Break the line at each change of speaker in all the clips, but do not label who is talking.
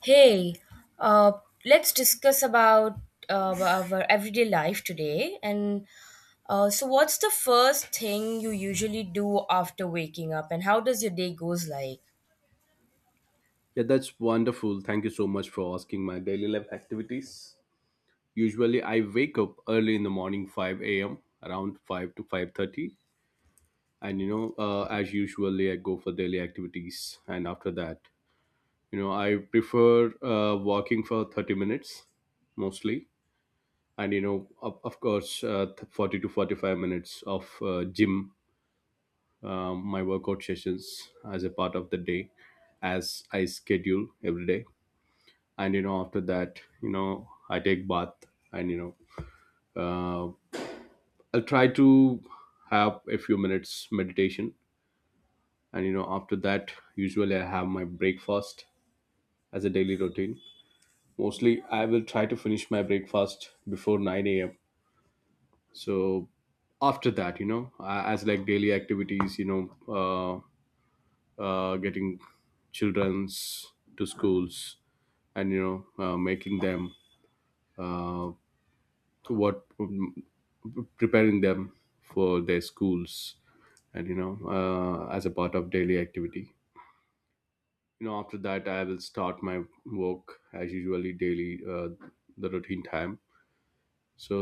Hey, uh, let's discuss about our everyday life today. What's the first thing you usually do after waking up, and how does your day goes like?
Yeah, that's wonderful. Thank you so much for asking my daily life activities. Usually I wake up early in the morning 5 a.m., around 5 to 5:30. And you know As usually, I go for daily activities, and after that, I prefer walking for 30 minutes mostly. And you know Of course, 40 to 45 minutes of gym, my workout sessions as a part of the day, as I schedule every day. And you know After that, I take bath. And you know uh, I'll try to have a few minutes meditation. And you know After that, usually I have my breakfast as a daily routine. Mostly I will try to finish my breakfast before 9 a.m. So after that, as like daily activities, uh, getting children's to schools, and you know making them uh, what preparing them for their schools. And you know As a part of daily activity, after that I will start my work, as usually daily, the routine time. So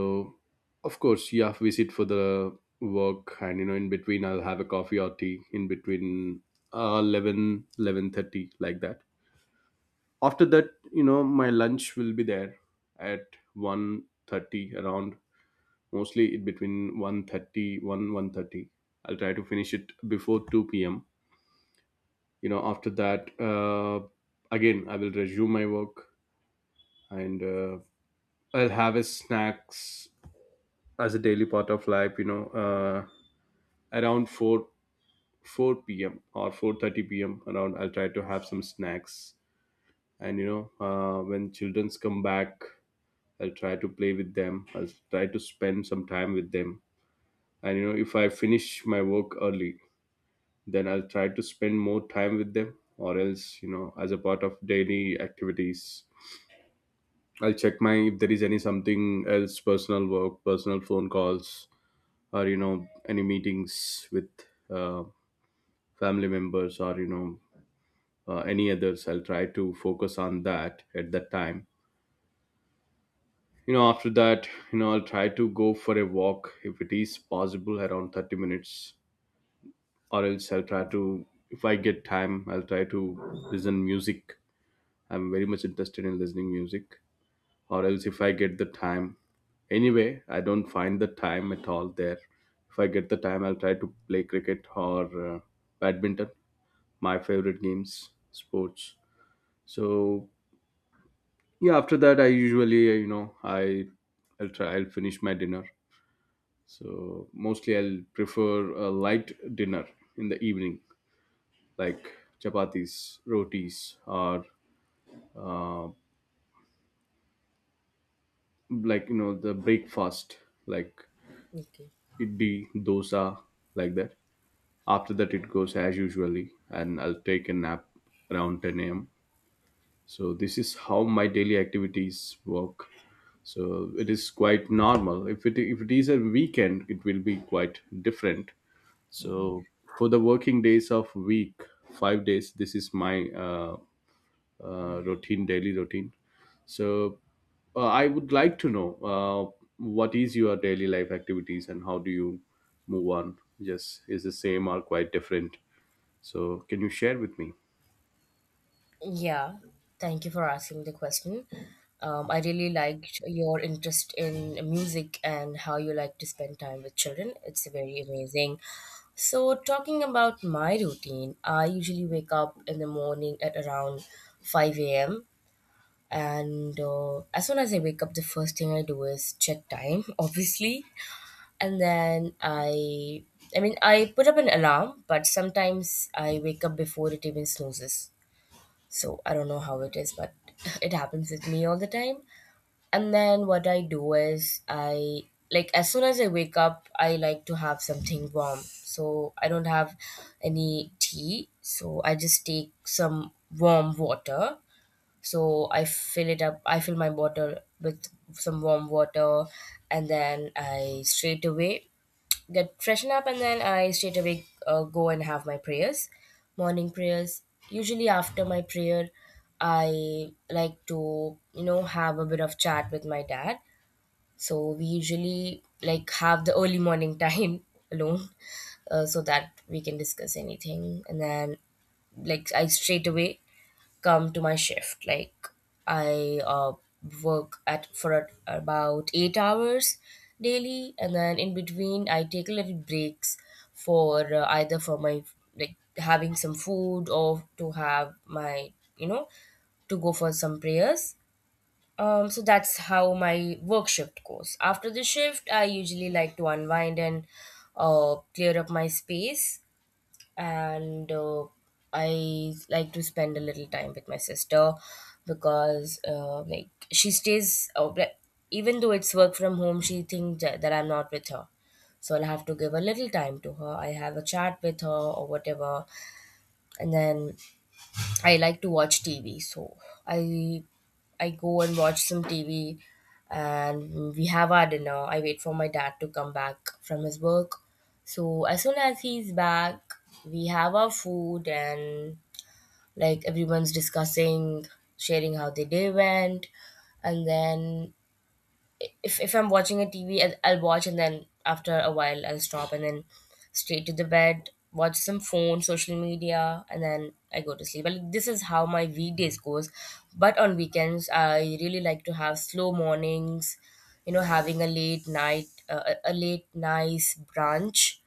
of course, you have visit for the work, and in between I'll have a coffee or tea in between, 11 11:30 like that. After that, my lunch will be there at 1:30 around. Mostly it between 1:31 1:30. I'll try to finish it before 2 p.m. After that, again I will resume my work. And I'll have a snacks as a daily part of life. Around 4 4 p.m or 4:30 p.m around, I'll try to have some snacks. And you know When children's come back, I'll try to play with them, I'll try to spend some time with them. And you know If I finish my work early, then I'll try to spend more time with them. Or else, as a part of daily activities, I'll check my if there is any something else personal work, personal phone calls, or any meetings with uh, family members, or any others. I'll try to focus on that at that time. After that, I'll try to go for a walk if it is possible, around 30 minutes. Or else, I'll try to, if I get time, I'll try to listen music. I'm very much interested in listening music, or else if I get the time. Anyway, I don't find the time at all there. If I get the time, I'll try to play cricket, or badminton, my favorite games, sports. So yeah, after that, I usually you know I I'll try I'll finish my dinner. So mostly I'll prefer a light dinner in the evening, like chapatis, rotis, or uh, like the breakfast, like
Okay.
idli, dosa, like that. After that, it goes as usually, and I'll take a nap around 10 a.m. So this is how my daily activities work. So it is quite normal. If it is a weekend, it will be quite different. So for the working days of week, 5 days, this is my routine, daily routine. So, I would like to know what is your daily life activities, and how do you move on? Yes, is the same or quite different? So, can you share with me?
Yeah, thank you for asking the question. I really liked your interest in music and how you like to spend time with children. It's very amazing. So, talking about my routine, I usually wake up in the morning at around 5 a.m. And as soon as I wake up, the first thing I do is check time, obviously. And then I, I mean, I put up an alarm, but sometimes I wake up before it even snoozes. So I don't know how it is, but it happens with me all the time. And then what I do is I, like, As soon as I wake up, I like to have something warm. So I don't have any tea. So I just take some warm water, so I fill it up, I fill my bottle with some warm water, and then I straight away get freshen up, and then I straight away go and have my prayers, morning prayers. Usually after my prayer, I like to you know have a bit of chat with my dad. So we usually like have the early morning time alone, so that we can discuss anything, and then like I straight away come to my shift. Like, I work at for at about 8 hours daily, and then in between I take little breaks for either for my like having some food or to have my you know to go for some prayers. So that's how my work shift goes. After the shift, I usually like to unwind and clear up my space and I like to spend a little time with my sister because she stays even though it's work from home, she thinks that I'm not with her, so I'll have to give a little time to her. I have a chat with her or whatever, and then I like to watch TV. So I I go and watch some TV, and we have our dinner. I wait for my dad to come back from his work. So as soon as he's back, we have our food and like everyone's discussing, sharing how the day went, and then if I'm watching a TV, I'll watch and then after a while I'll stop and then straight to the bed, watch some phone, social media, and then I go to sleep. But this is how my weekdays goes. But on weekends, I really like to have slow mornings. You know, having a late night, a late nice brunch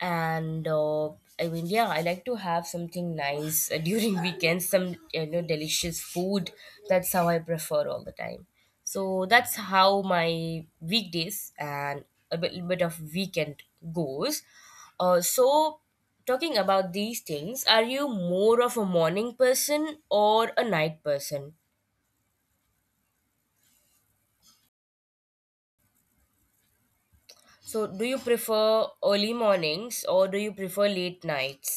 and yeah, I like to have something nice during weekends, some you know delicious food. That's how I prefer all the time. So that's how my weekdays and a little bit of weekend goes. So talking about these things, are you more of a morning person or a night person? So do you prefer early mornings or do you prefer late nights?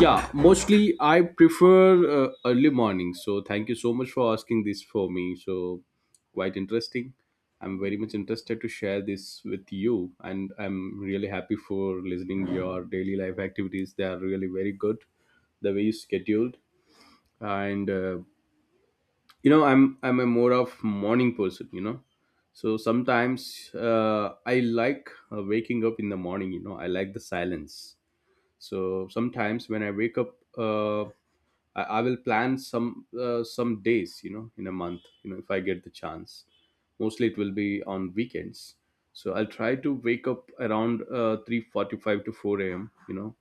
Yeah, mostly I prefer early morning. So, thank you so much for asking this for me. So, quite interesting. I'm very much interested to share this with you, and I'm really happy for listening your daily life activities. They are really very good, the way you scheduled. And I'm a more of morning person. So sometimes I like waking up in the morning. I like the silence. So sometimes when I wake up, I will plan some days, in a month, if I get the chance. Mostly it will be on weekends. So I'll try to wake up around 3:45 to 4 a.m. you know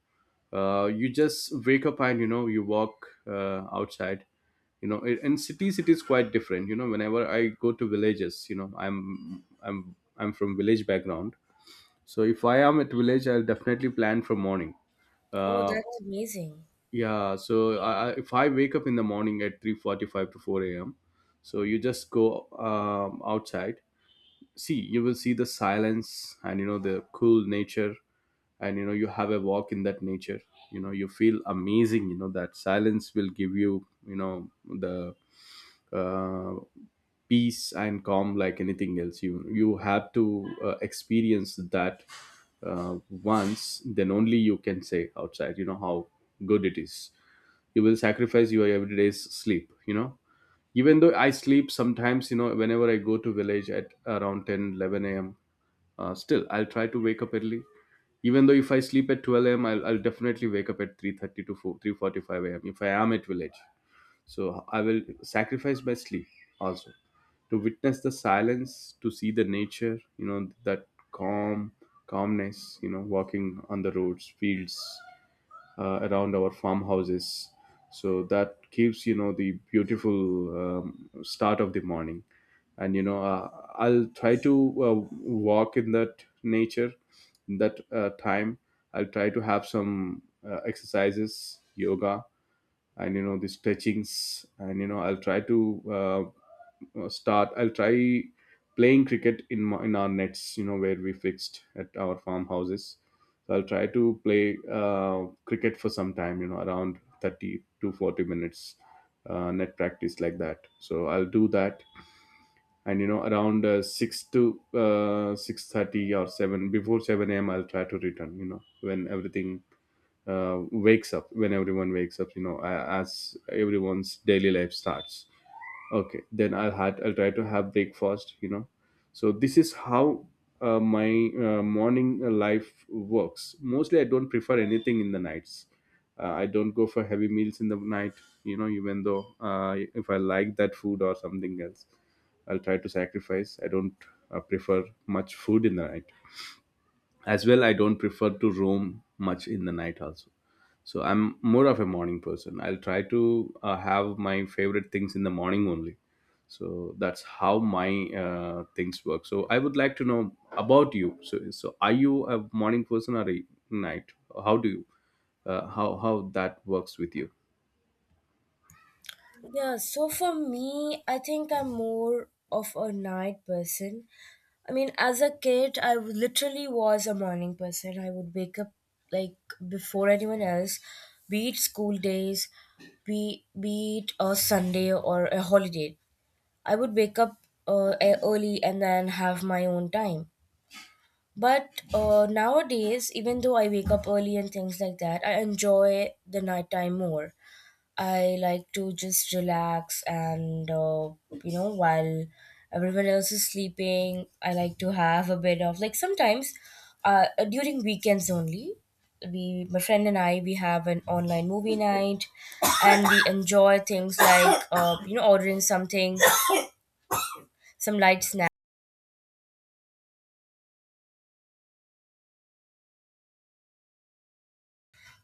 uh, You just wake up, and you walk outside. In cities, it is quite different. Whenever I go to villages, I'm from village background. So if I am at village, I'll definitely plan from morning.
Oh,
Uh,
that's amazing.
yeah. So if I wake up in the morning at 3:45 to 4 a.m., so you just go outside. See, you will see the silence, and the cool nature, and you have a walk in that nature. You feel amazing. That silence will give you you know the uh, peace and calm, like anything else. You have to experience that uh, once, then only you can say outside how good it is. You will sacrifice your everyday's sleep. Even though I sleep sometimes, whenever I go to village at around 10, 11 a.m, still I'll try to wake up early. Even though if I sleep at 12 a.m, I'll definitely wake up at 3:30 to 4, 3:45 a.m if I am at village. So I will sacrifice my sleep also, to witness the silence, to see the nature, that calm, calmness, walking on the roads, fields, around our farmhouses. So that gives, the beautiful start of the morning. And, I'll try to walk in that nature, in that time. I'll try to have some exercises, yoga, and the stretchings. And I'll try to, start I'll try playing cricket in in our nets where we fixed at our farmhouses. So I'll try to play cricket for some time, around 30 to 40 minutes, net practice, like that. So I'll do that. And around 6 to 6:30 or 7, before 7 a.m, I'll try to return. When everything wakes up, when everyone wakes up, as everyone's daily life starts, okay, then I'll try to have breakfast. So this is how my morning life works. Mostly I don't prefer anything in the nights. I don't go for heavy meals in the night. Even though if I like that food or something else, I'll try to sacrifice. I don't prefer much food in the night as well. I don't prefer to roam much in the night also. So I'm more of a morning person. I'll try to have my favorite things in the morning only. So that's how my things work. So I would like to know about you. So are you a morning person, or a night? How do you how that works with you?
Yeah, so for me, I think I'm more of a night person. I mean, as a kid, I literally was a morning person. I would wake up like before anyone else, be it school days, be it a Sunday or a holiday. I would wake up early and then have my own time. But nowadays, even though I wake up early and things like that, I enjoy the nighttime more. I like to just relax and, you know, while everyone else is sleeping, I like to have a bit of, like, sometimes during weekends only, my friend and I, we have an online movie night and we enjoy things like, you know, ordering something, some light snacks.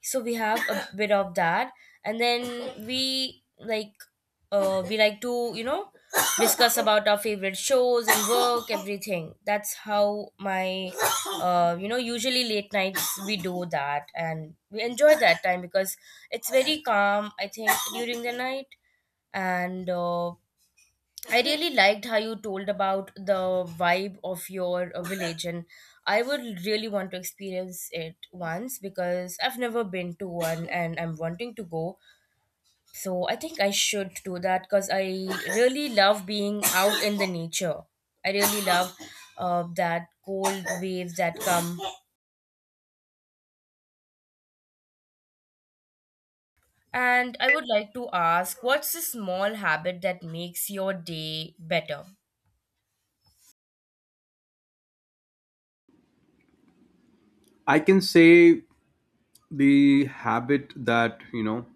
So we have a bit of that, and then we like to you know discuss about our favorite shows and work, everything. That's how my you know usually late nights we do that, and we enjoy that time because it's very calm, I think, during the night. And I really liked how you told about the vibe of your village, and I would really want to experience it once because I've never been to one and I'm wanting to go. So I think I should do that because I really love being out in the nature. I really love that cold waves that come. And I would like to ask, what's the small habit that makes your day better?
I can say the habit that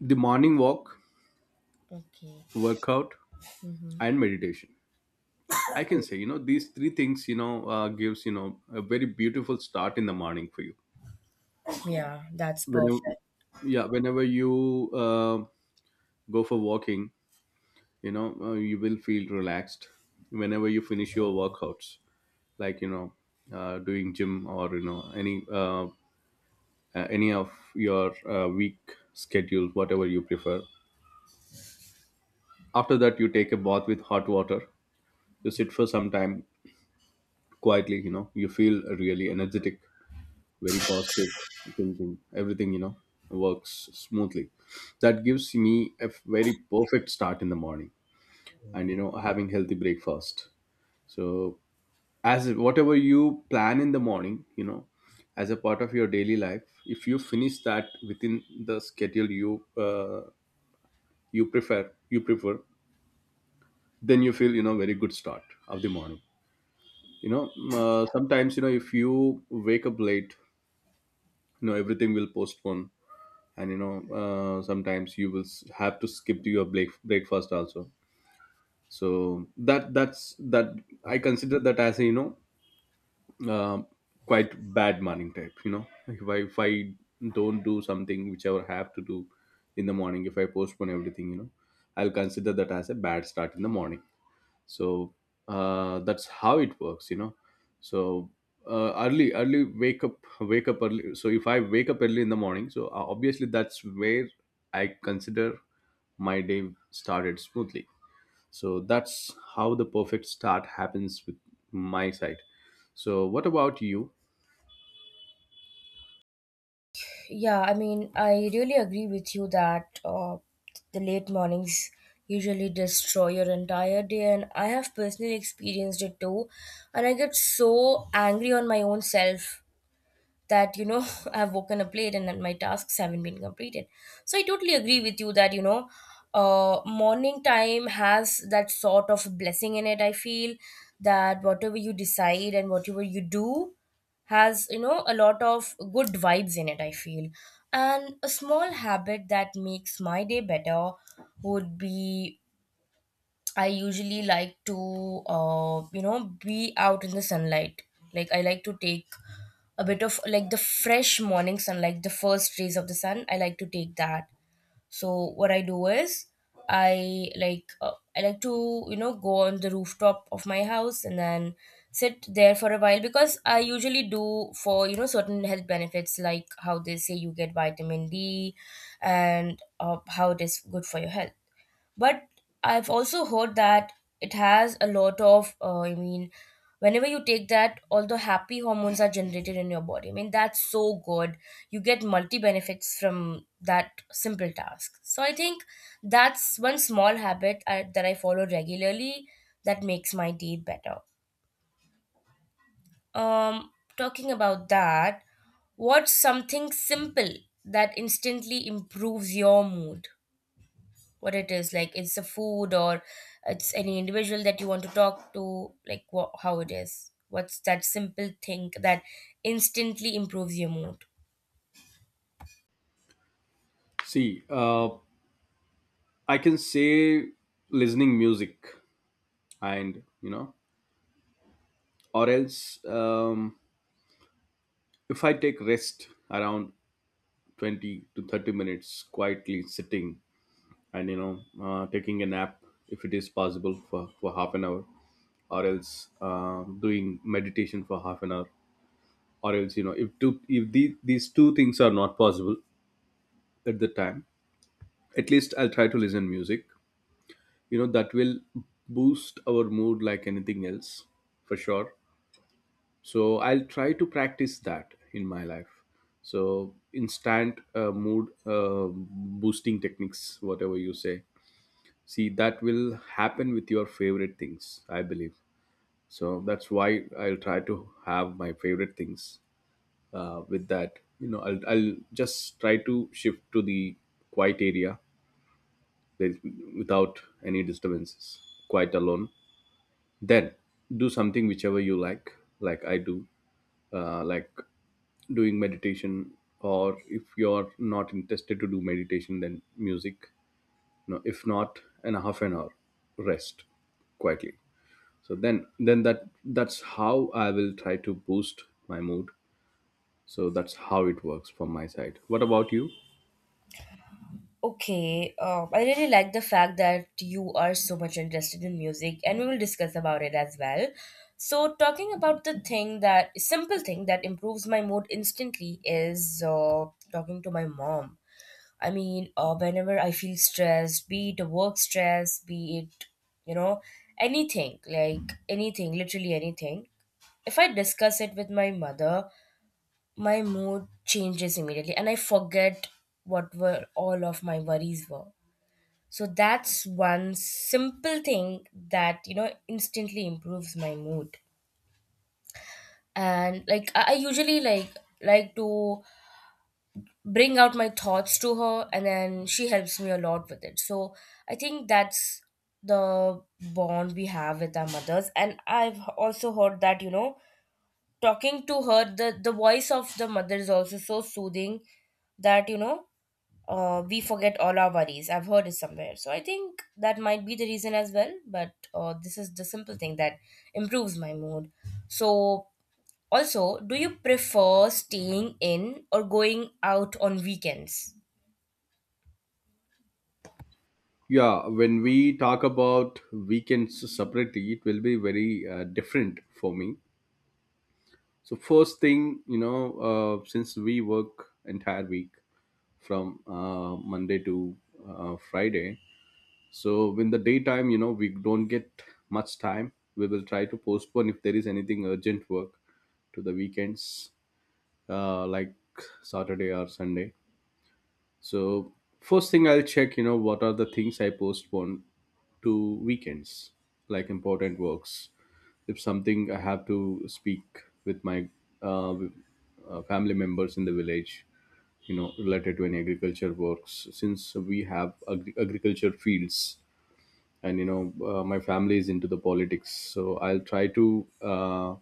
the morning walk,
Okay.
workout,
Hmm.
and meditation. I can say, these three things, gives, a very beautiful start in the morning for you.
Yeah, that's
Whenever,
perfect.
yeah, whenever you go for walking, you will feel relaxed. Whenever you finish your workouts, like doing gym, or any of your week schedule, whatever you prefer. After that, you take a bath with hot water. You sit for some time quietly. You feel really energetic, very positive thinking. Everything, works smoothly. That gives me a very perfect start in the morning, and, having healthy breakfast. So, as whatever you plan in the morning, as a part of your daily life, if you finish that within the schedule you you prefer, then you feel very good start of the morning. Sometimes if you wake up late, you know everything will postpone and sometimes you will have to skip to your breakfast also, so that that's that I consider that as a, uh, quite bad morning type. You know, if I don't do something which I will have to do in the morning, if I postpone everything, you know, I'll consider that as a bad start in the morning. So that's how it works, you know. So early early wake up early so if I wake up early in the morning, so obviously that's where I consider my day started smoothly. So that's how the perfect start happens with my side. So what about you?
Yeah, I mean, I really agree with you that the late mornings usually destroy your entire day, and I have personally experienced it too. And I get so angry on my own self that you know I've woken up late and then my tasks haven't been completed, so I totally agree with you that you know morning time has that sort of blessing in it, I feel, that whatever you decide and whatever you do has you know a lot of good vibes in it, I feel. And a small habit that makes my day better would be, I usually like to you know be out in the sunlight. Like I like to take a bit of like the fresh morning sun, like the first rays of the sun. I like to take that. So what I do is I like to you know go on the rooftop of my house and then sit there for a while because I usually do for you know certain health benefits, like how they say you get vitamin D and how it is good for your health. But I've also heard that it has a lot of, I mean, whenever you take that, all the happy hormones are generated in your body. I mean, that's so good. You get multi benefits from that simple task. So I think that's one small habit that I follow regularly that makes my day better. Um, Talking about that, what's something simple that instantly improves your mood? What it is, like, it's the food or it's any individual that you want to talk to? Like, what, how it is, what's that simple thing that instantly improves your mood?
See, I can say listening music, and you know, or else, if I take rest around 20 to 30 minutes quietly sitting and taking a nap, if it is possible for half an hour, or else doing meditation for half an hour, or else, you know, if these two things are not possible at the time, at least I'll try to listen music. You know, that will boost our mood like anything else, for sure. So I'll try to practice that in my life. So instant mood boosting techniques, whatever you say, see, that will happen with your favorite things, I believe. So that's why I'll try to have my favorite things. With that, you know, I'll just try to shift to the quiet area with- without any disturbances, quite alone, then do something whichever you like. Like I do, like doing meditation, or if you're not interested to do meditation, then music. No, if not, an half an hour rest quietly. So then that that's how I will try to boost my mood. So that's how it works from my side. What about you?
Okay, I really like the fact that you are so much interested in music, and we will discuss about it as well. So talking about the thing, that simple thing that improves my mood instantly is talking to my mom. I mean, whenever I feel stressed, be it a work stress, be it, you know, anything, like anything, literally anything, if I discuss it with my mother, my mood changes immediately and I forget what were all of my worries were. So that's one simple thing that, you know, instantly improves my mood. And I usually like to bring out my thoughts to her, and then she helps me a lot with it. So I think that's the bond we have with our mothers, and I've also heard that you know talking to her, the voice of the mother is also so soothing that you know we forget all our worries. I've heard it somewhere, so I think that might be the reason as well. But this is the simple thing that improves my mood. So, also, do you prefer staying in or going out on weekends?
Yeah, when we talk about weekends separately, it will be very different for me. So first thing, you know, since we work entire week from Monday to Friday, so in the daytime, you know, we don't get much time. We will try to postpone if there is anything urgent work to the weekends, like Saturday or Sunday. So first thing I'll check, you know, what are the things I postpone to weekends, like important works. If something I have to speak with my uh, with, family members in the village, you know, related to any agriculture works, since we have agriculture fields. And you know, my family is into the politics, so I'll try to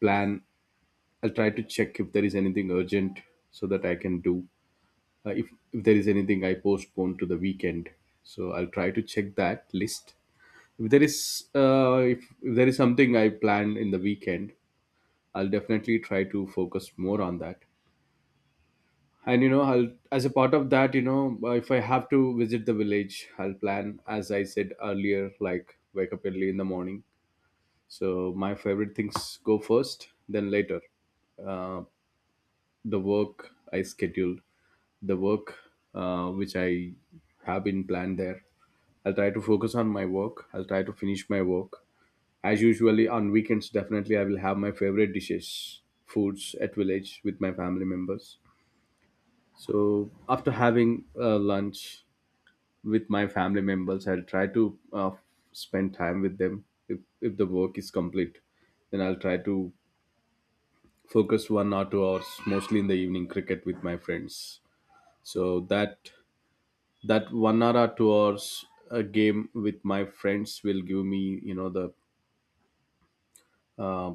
plan. I'll try to check if there is anything urgent so that I can do, if there is anything I postpone to the weekend. So I'll try to check that list. If there is, if there is something I plan in the weekend, I'll definitely try to focus more on that. And you know, I'll, as a part of that, you know, if I have to visit the village, I'll plan as I said earlier, like wake up early in the morning. So my favorite things go first, then later uh, the work i schedule the work which I have been planned there. I'll try to focus on my work. I'll try to finish my work. As usually on weekends, definitely I will have my favorite dishes, foods at village with my family members. So after having lunch with my family members, I'll try to spend time with them. If the work is complete, then I'll try to focus 1 or 2 hours mostly in the evening cricket with my friends. So that 1 hour or 2 hours, a game with my friends, will give me, you know, uh,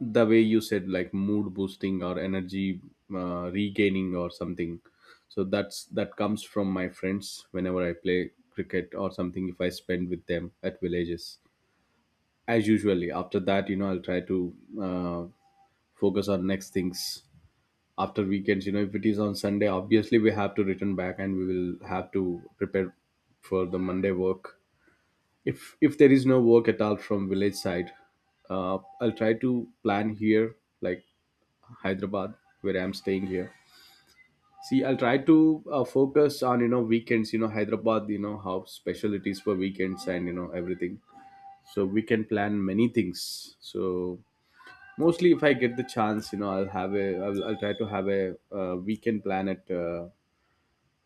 the way you said, like mood boosting or energy regaining or something. So that's that comes from my friends whenever I play cricket or something, if I spend with them at villages. As usually after that, you know, I'll try to uh, focus on next things after weekends. You know, if it is on Sunday, obviously we have to return back, and we will have to prepare for the Monday work. If there is no work at all from village side, I'll try to plan here, like Hyderabad, where I'm staying here. See, I'll try to focus on, you know, weekends, you know, Hyderabad, you know how special it is for weekends and you know everything. So we can plan many things. So mostly if I get the chance, you know, I'll have a I'll try to have a weekend plan at uh,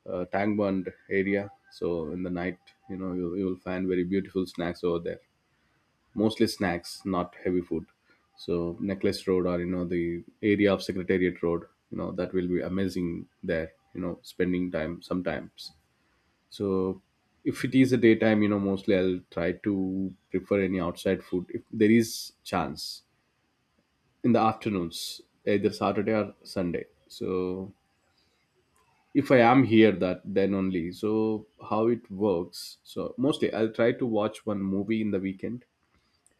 uh, Tangband area. So in the night, you know, you'll find very beautiful snacks over there, mostly snacks, not heavy food. So Necklace Road, or you know the area of Secretariat Road, you know, that will be amazing there, you know, spending time sometimes. So if it is a daytime, you know, mostly I'll try to prefer any outside food if there is chance in the afternoons, either Saturday or Sunday. So if I am here, that then only. So how it works? So mostly I'll try to watch one movie in the weekend,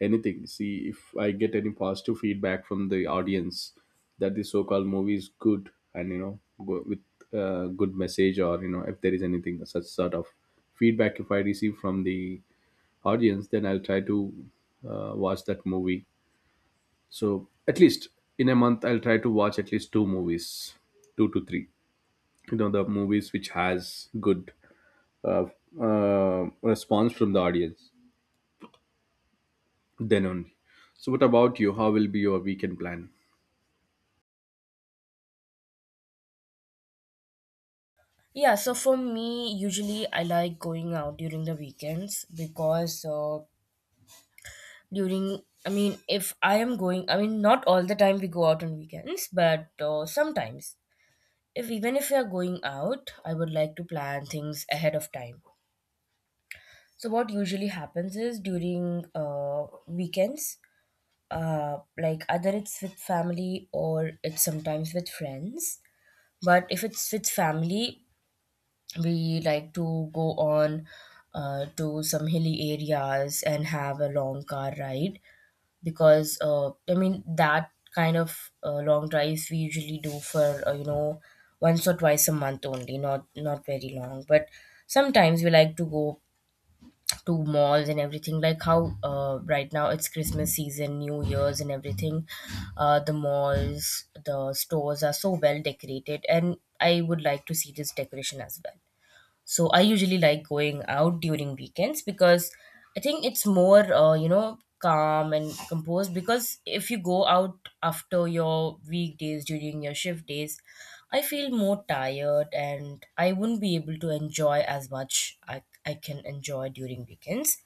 anything. See, if I get any positive feedback from the audience that the so-called movie is good, and you know, go with a good message, or you know, if there is anything such sort of feedback if I receive from the audience, then I'll try to watch that movie. So at least in a month I'll try to watch at least two movies, two to three, you know, the movies which has good uh, response from the audience, then only. So what about you? How will be your weekend plan?
Yeah, so for me, usually I like going out during the weekends because during, I mean, if I am going, I mean, not all the time we go out on weekends, but sometimes. If even if we are going out, I would like to plan things ahead of time. So what usually happens is during weekends, like, either it's with family or it's sometimes with friends. But if it's with family, we like to go on to some hilly areas and have a long car ride because I mean, that kind of long drives we usually do for you know once or twice a month only, not very long. But sometimes we like to go to malls and everything. Like how right now it's Christmas season, New Year's and everything. The malls, the stores are so well decorated, and I would like to see this decoration as well. So I usually like going out during weekends because I think it's more, you know, calm and composed. Because if you go out after your weekdays, during your shift days, I feel more tired and I wouldn't be able to enjoy as much I can enjoy during weekends.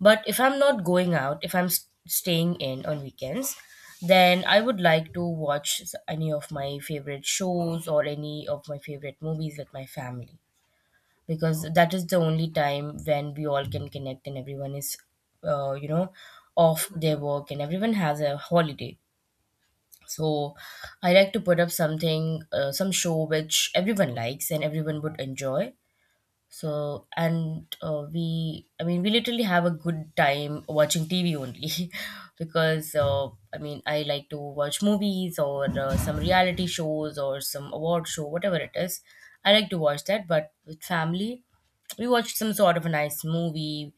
But if I'm not going out, if staying in on weekends, then I would like to watch any of my favorite shows or any of my favorite movies with my family, because that is the only time when we all can connect and everyone is uh, you know off their work and everyone has a holiday. So I like to put up something, some show which everyone likes and everyone would enjoy. So, and uh, we, I mean, we literally have a good time watching TV only because, I like to watch movies or some reality shows or some award show, whatever it is. I like to watch that, but with family, we watch some sort of a nice movie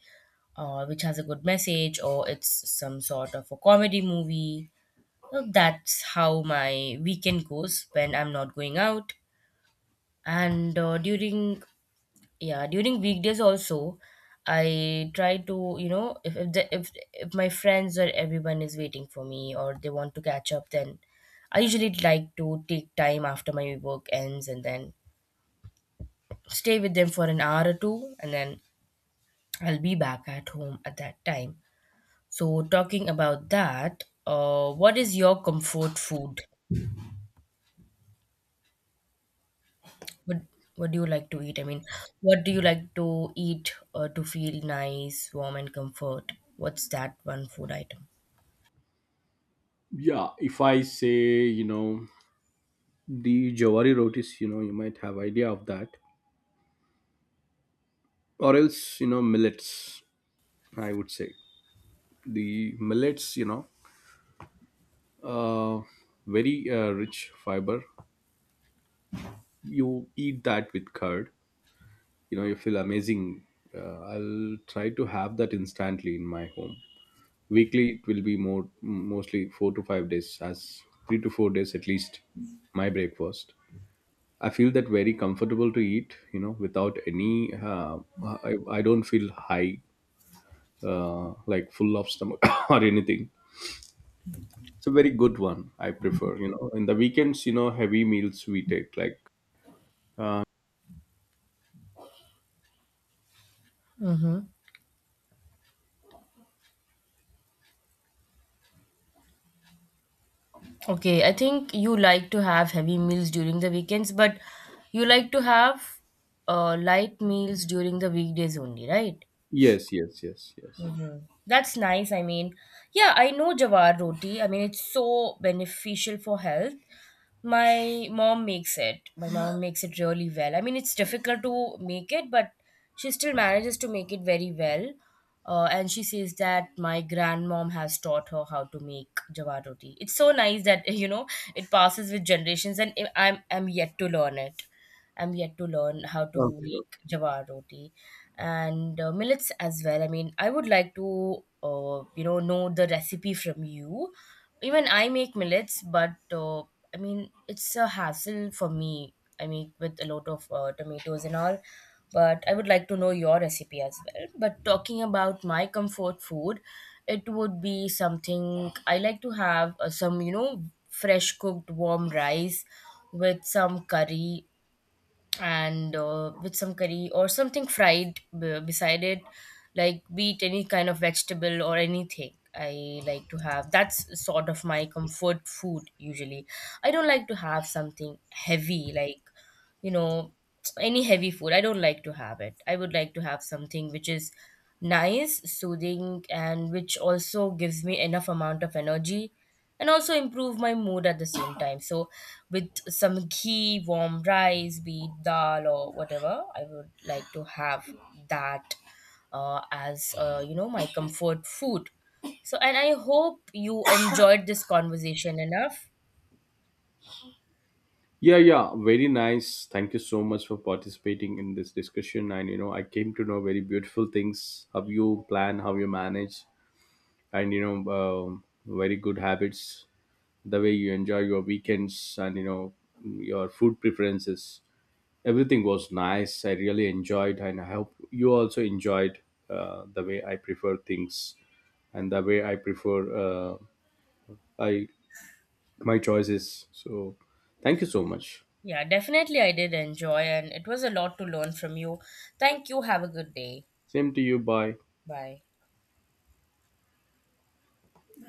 which has a good message or it's some sort of a comedy movie. So that's how my weekend goes when I'm not going out. And uh, during yeah, during weekdays also, I try to, you know, if, the, if my friends or everyone is waiting for me or they want to catch up, then I usually like to take time after my work ends and then stay with them for an hour or two, and then I'll be back at home at that time. So talking about that, what is your comfort food? What what do you like to eat? I mean, what do you like to eat, to feel nice, warm, and comfort? What's that one food item?
Yeah, if I say, you know, the jawari rotis, you know, you might have idea of that, or else, you know, millets. I would say the millets, you know, uh very rich fiber, you eat that with curd, you know, you feel amazing. I'll try to have that instantly in my home. Weekly it will be more mostly 4 to 5 days, as 3 to 4 days at least my breakfast. I feel that very comfortable to eat, you know, without any. I don't feel high, like full of stomach or anything. It's a very good one, I prefer, you know. In the weekends, you know, heavy meals we take. Like, uh,
Mm-hmm. Okay, I think you like to have heavy meals during the weekends, but you like to have light meals during the weekdays only, right?
yes, yes, yes, yes.
That's nice. I mean, yeah, I know jawar roti. I mean, it's so beneficial for health. My mom makes it. My mom makes it really well. I mean, it's difficult to make it, but she still manages to make it very well. And she says that my grandmom has taught her how to make jawar roti. It's so nice that you know it passes with generations, and I'm yet to learn it. I'm yet to learn how to
Okay.
make
Okay.
jawar roti, and millets as well. I mean, I would like to know the recipe from you. Even I make millets, but it's a hassle for me. I make with a lot of tomatoes and all. But I would like to know your recipe as well. But talking about my comfort food, it would be something I like to have, fresh cooked warm rice with some curry, and with some curry or something fried beside it, like be it any kind of vegetable or anything. I like to have That's sort of my comfort food. Usually I don't like to have something heavy, like, you know, any heavy food. I don't like to have it. I would like to have something which is nice, soothing, and which also gives me enough amount of energy and also improve my mood at the same time. So with some ghee, warm rice, be it dal or whatever, I would like to have that as my comfort food. So, and I hope you enjoyed this conversation enough.
Yeah, yeah. Very nice. Thank you so much for participating in this discussion. And you know, I came to know very beautiful things, how you plan, how you manage, and you know, um, very good habits, the way you enjoy your weekends, and you know, your food preferences, everything was nice. I really enjoyed, and I hope you also enjoyed the way I prefer things, and the way I prefer, I my choices. So thank you so much.
Yeah, definitely I did enjoy, and it was a lot to learn from you. Thank you. Have a good day.
Same to you, bye.
Bye.